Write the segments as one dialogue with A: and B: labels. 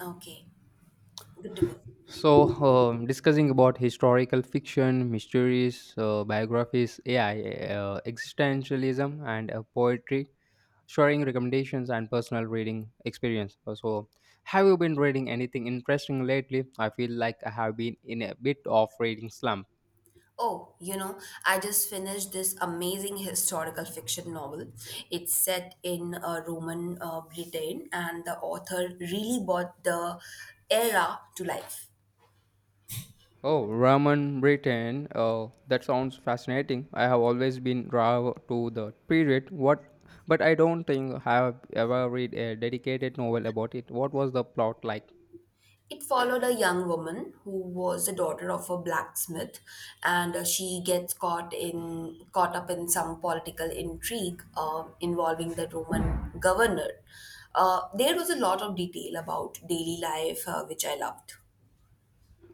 A: Okay, good to go.
B: So, discussing about historical fiction, mysteries, biographies, AI, existentialism, and poetry, sharing recommendations and personal reading experience. Have you been reading anything interesting lately? I feel like I have been in a bit of reading slump.
A: Oh, you know, I just finished this amazing historical fiction novel. It's set in Roman Britain, and the author really brought the era to life.
B: Oh, Raman Britain. That sounds fascinating. I have always been drawn to the period. What? But I don't think I have ever read a dedicated novel about it. What was the plot like?
A: It followed a young woman who was the daughter of a blacksmith, and she gets caught up in some political intrigue involving the Roman governor. There was a lot of detail about daily life, which I loved.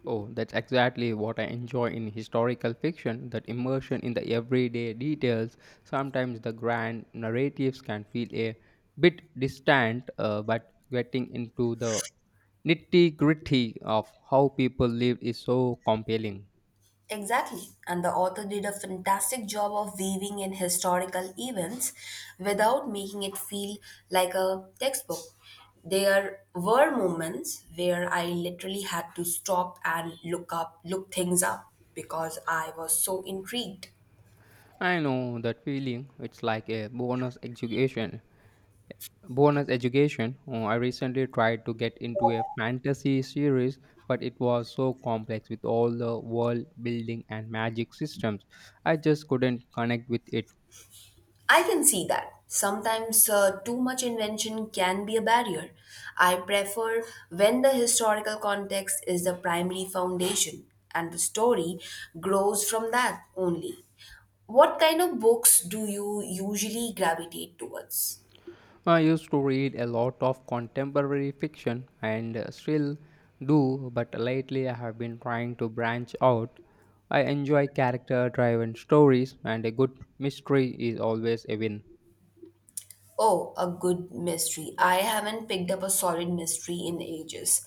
B: Oh, that's exactly what I enjoy in historical fiction, that immersion in the everyday details. Sometimes the grand narratives can feel a bit distant, but getting into the nitty gritty of how people lived is so compelling.
A: Exactly. And the author did a fantastic job of weaving in historical events without making it feel like a textbook. There were moments where I literally had to stop and look things up because I was so intrigued.
B: I know that feeling, it's like a bonus education. Bonus education. Oh, I recently tried to get into a fantasy series, but it was so complex with all the world building and magic systems. I just couldn't connect with it.
A: I can see that. Sometimes too much invention can be a barrier. I prefer when the historical context is the primary foundation and the story grows from that only. What kind of books do you usually gravitate towards?
B: I used to read a lot of contemporary fiction and still do, but lately I have been trying to branch out. I enjoy character driven stories, and a good mystery is always a win.
A: Oh, a good mystery. I haven't picked up a solid mystery in ages.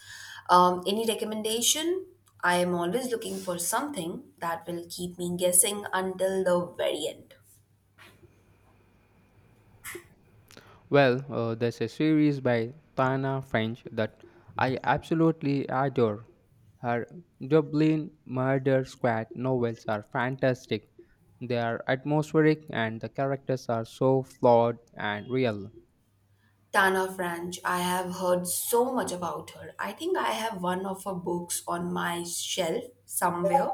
A: Any recommendation? I am always looking for something that will keep me guessing until the very end.
B: Well, there's a series by Tana French that I absolutely adore. Her Dublin Murder Squad novels are fantastic. They are atmospheric and the characters are so flawed and real.
A: Tana French, I have heard so much about her. I think I have one of her books on my shelf somewhere,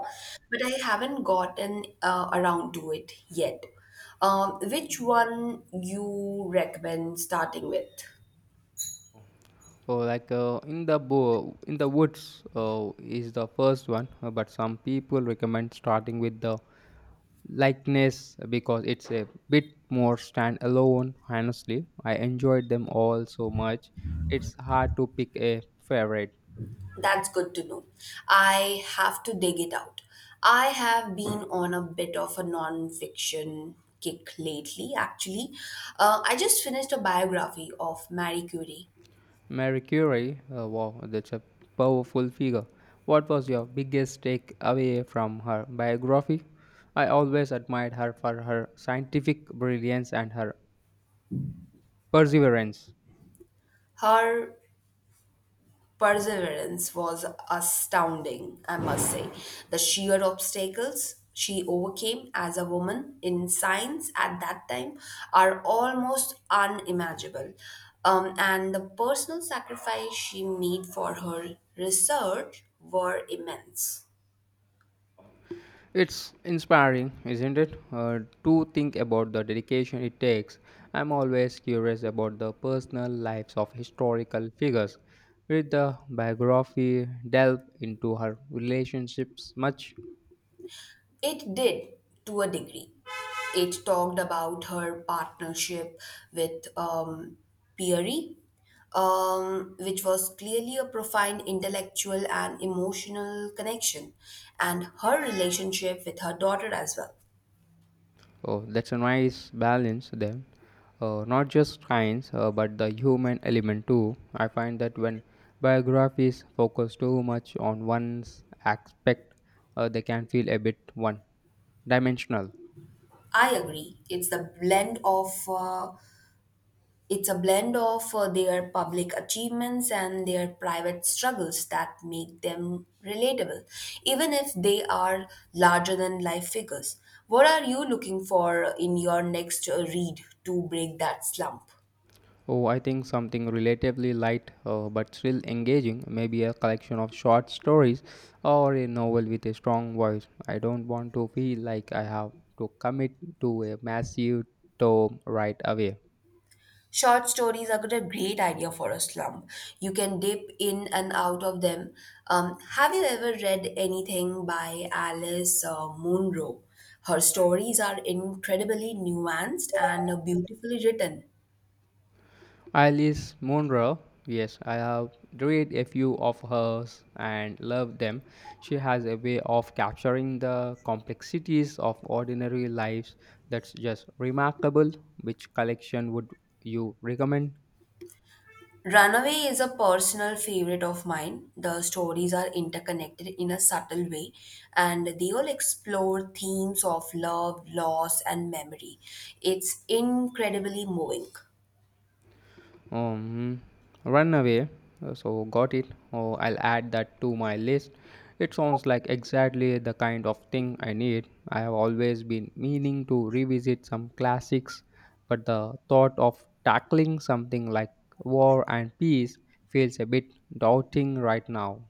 A: but I haven't gotten around to it yet. Which one you recommend starting with?
B: So, like in the woods is the first one, but some people recommend starting with The Likeness because it's a bit more standalone. Honestly, I enjoyed them all so much. It's hard to pick a favorite.
A: That's good to know. I have to dig it out. I have been on a bit of a non-fiction kick lately, actually. I just finished a biography of Marie Curie.
B: Mary Curie, wow, that's a powerful figure. What was your biggest takeaway from her biography? I always admired her for her scientific brilliance and her perseverance.
A: Her perseverance was astounding, I must say. The sheer obstacles she overcame as a woman in science at that time are almost unimaginable. And the personal sacrifice she made for her research were immense.
B: It's inspiring, isn't it? To think about the dedication it takes. I'm always curious about the personal lives of historical figures. Read the biography, delve into her relationships much.
A: It did, to a degree. It talked about her partnership with Peary, which was clearly a profound intellectual and emotional connection, and her relationship with her daughter as well.
B: Oh, that's a nice balance then. Not just science, but the human element too. I find that when biographies focus too much on one aspect, they can feel a bit one dimensional.
A: I agree. It's a blend of their public achievements and their private struggles that make them relatable, even if they are larger than life figures. What are you looking for in your next read to break that slump?
B: Oh, I think something relatively light but still engaging, maybe a collection of short stories or a novel with a strong voice. I don't want to feel like I have to commit to a massive tome right away.
A: Short stories are a great idea for a slump. You can dip in and out of them. Have you ever read anything by Alice Munro? Her stories are incredibly nuanced and beautifully written.
B: Alice Munro, yes, I have read a few of hers and loved them. She has a way of capturing the complexities of ordinary lives that's just remarkable. Which collection would you recommend?
A: Runaway is a personal favorite of mine. The stories are interconnected in a subtle way, and they all explore themes of love, loss, and memory. It's incredibly moving.
B: Um, Runaway. Got it. Oh, I'll add that to my list. It sounds like exactly the kind of thing I need. I have always been meaning to revisit some classics, but the thought of tackling something like War and Peace feels a bit daunting right now.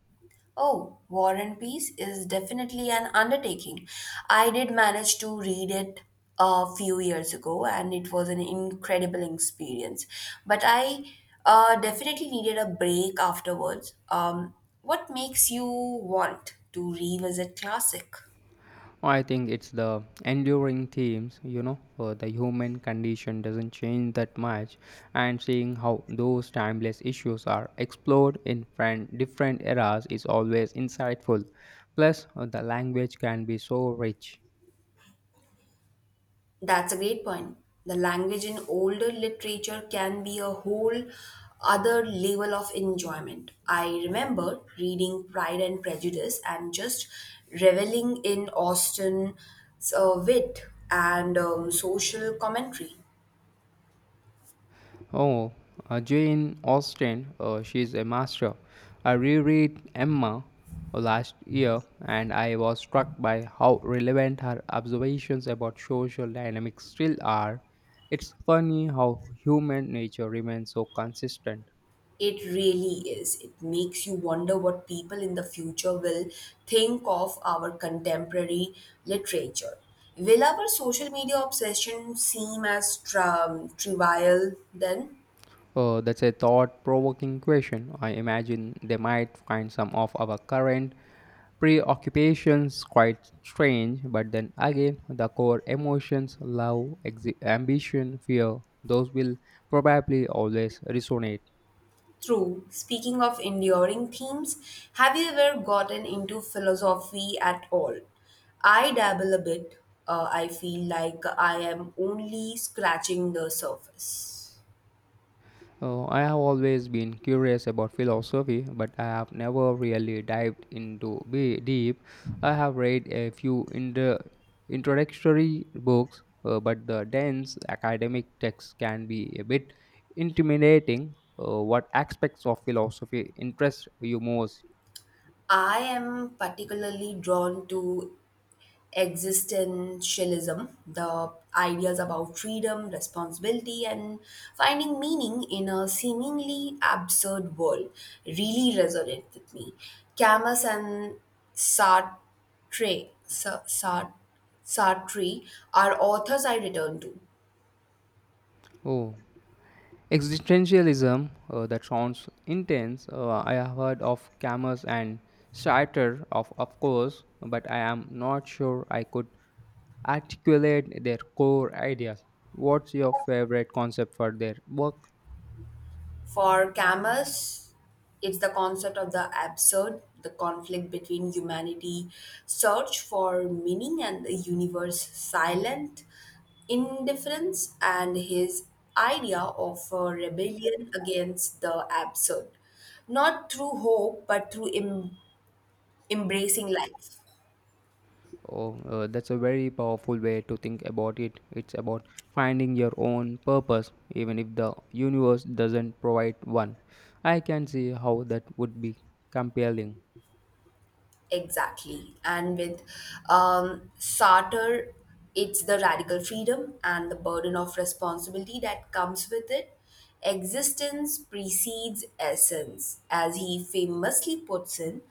A: Oh, War and Peace is definitely an undertaking. I did manage to read it a few years ago and it was an incredible experience. But I definitely needed a break afterwards. What makes you want to revisit classic?
B: Oh, I think it's the enduring themes, you know, the human condition doesn't change that much, and seeing how those timeless issues are explored in different eras is always insightful. Plus, the language can be so rich.
A: That's a great point. The language in older literature can be a whole other level of enjoyment. I remember reading Pride and Prejudice and just reveling in Austen's wit and social commentary.
B: Oh, Jane Austen, she's a master. I reread Emma last year and I was struck by how relevant her observations about social dynamics still are. It's funny how human nature remains so consistent.
A: It really is. It makes you wonder what people in the future will think of our contemporary literature. Will our social media obsession seem as trivial then?
B: That's a thought provoking question. I imagine they might find some of our current preoccupations quite strange, but then again, the core emotions, love, ambition, fear, those will probably always resonate.
A: True. Speaking of enduring themes, have you ever gotten into philosophy at all? I dabble a bit. I feel like I am only scratching the surface.
B: Oh, I have always been curious about philosophy, but I have never really dived into be deep. I have read a few introductory books, but the dense academic text can be a bit intimidating. What aspects of philosophy interest you most?
A: I am particularly drawn to existentialism, the ideas about freedom, responsibility, and finding meaning in a seemingly absurd world really resonate with me. Camus and Sartre, Sa- Sa- Sartre are authors I return to.
B: Oh, existentialism. That sounds intense. I have heard of Camus and Sartre, of course, but I am not sure I could articulate their core ideas. What's your favorite concept for their work?
A: For Camus, it's the concept of the absurd, the conflict between humanity search for meaning and the universe silent indifference and his idea of a rebellion against the absurd, not through hope but through embracing life.
B: Oh, that's a very powerful way to think about it. It's about finding your own purpose, even if the universe doesn't provide one. I can see how that would be compelling.
A: Exactly. And with Sartre, it's the radical freedom and the burden of responsibility that comes with it. Existence precedes essence, as he famously puts in.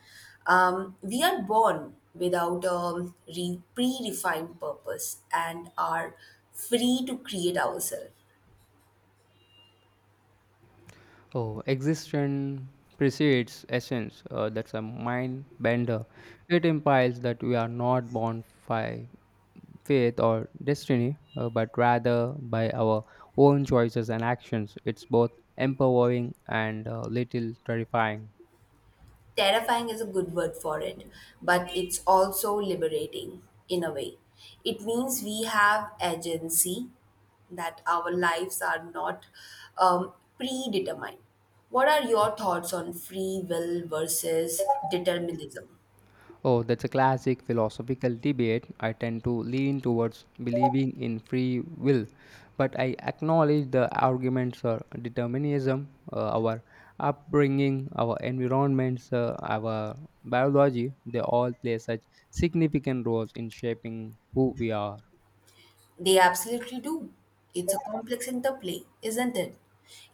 A: We are born without a pre-defined purpose and are free to create ourselves.
B: Oh, existence precedes essence. That's a mind bender. It implies that we are not born by fate, or destiny, but rather by our own choices and actions. It's both empowering and a little terrifying.
A: Terrifying is a good word for it, but it's also liberating in a way. It means we have agency, that our lives are not predetermined. What are your thoughts on free will versus determinism?
B: Oh, that's a classic philosophical debate. I tend to lean towards believing in free will, but I acknowledge the arguments or determinism. Uh, our upbringing, our environments, our biology, they all play such significant roles in shaping who we are.
A: They absolutely do. It's a complex interplay, isn't it?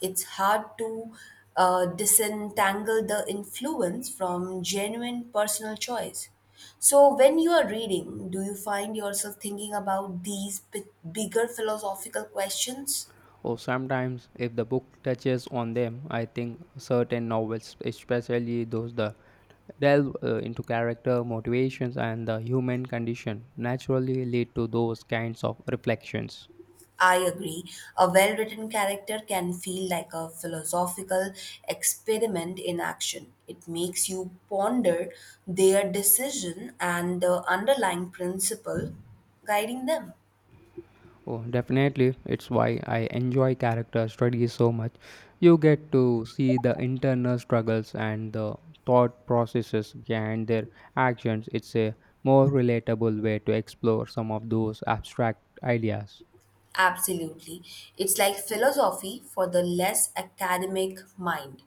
A: It's hard to disentangle the influence from genuine personal choice. So, when you are reading, do you find yourself thinking about these bigger philosophical questions?
B: Or sometimes, if the book touches on them, I think certain novels, especially those that delve into character motivations and the human condition, naturally lead to those kinds of reflections.
A: I agree. A well written character can feel like a philosophical experiment in action. It makes you ponder their decision and the underlying principle guiding them.
B: Oh, definitely, it's why I enjoy character studies so much. You get to see the internal struggles and the thought processes behind their actions. It's a more relatable way to explore some of those abstract ideas.
A: Absolutely. It's like philosophy for the less academic mind,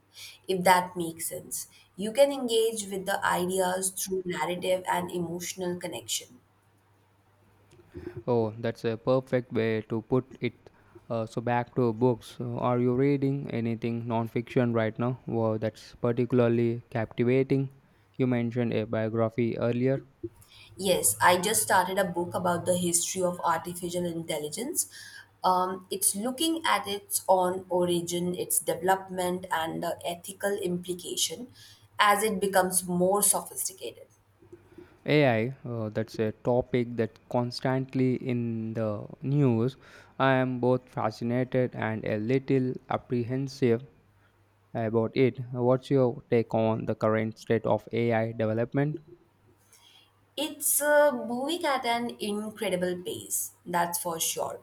A: if that makes sense. You can engage with the ideas through narrative and emotional connection.
B: Oh, that's a perfect way to put it. So back to books. Are you reading anything non-fiction right now? Wow, that's particularly captivating. You mentioned a biography earlier.
A: Yes, I just started a book about the history of artificial intelligence. It's looking at its own origin, its development, and the ethical implication as it becomes more sophisticated.
B: AI, that's a topic that constantly in the news. I am both fascinated and a little apprehensive about it. What's your take on the current state of AI development?
A: It's moving at an incredible pace, that's for sure.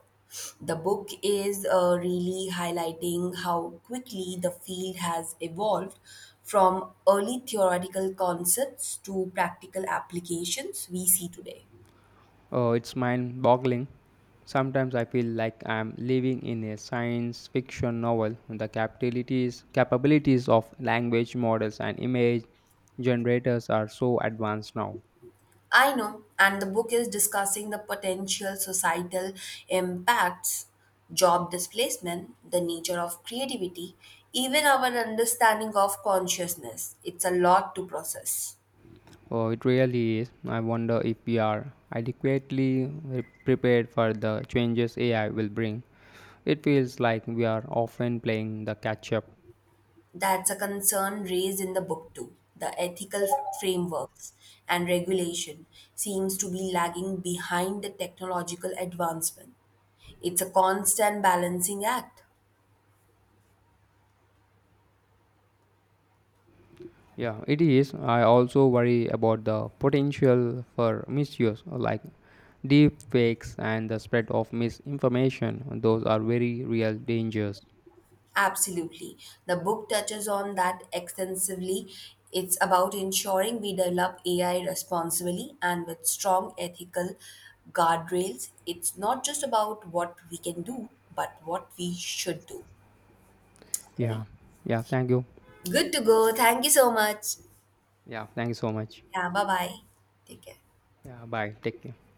A: The book is really highlighting how quickly the field has evolved from early theoretical concepts to practical applications we see today.
B: Oh, it's mind boggling. Sometimes I feel like I'm living in a science fiction novel. The capabilities of language models and image generators are so advanced now.
A: I know, and the book is discussing the potential societal impacts, job displacement, the nature of creativity, even our understanding of consciousness. It's a lot to process.
B: Oh, it really is. I wonder if we are adequately prepared for the changes AI will bring. It feels like we are often playing the catch up.
A: That's a concern raised in the book too. The ethical frameworks and regulation seems to be lagging behind the technological advancement. It's a constant balancing act.
B: Yeah, it is. I also worry about the potential for misuse, like deep fakes and the spread of misinformation, those are very real dangers.
A: Absolutely. The book touches on that extensively. It's about ensuring we develop AI responsibly and with strong ethical guardrails. It's not just about what we can do, but what we should do. Okay.
B: Yeah. Yeah, thank you.
A: Good to go. Thank you so much.
B: Yeah, thank you so much.
A: Yeah, bye bye. Take care.
B: Yeah. Bye. Take care.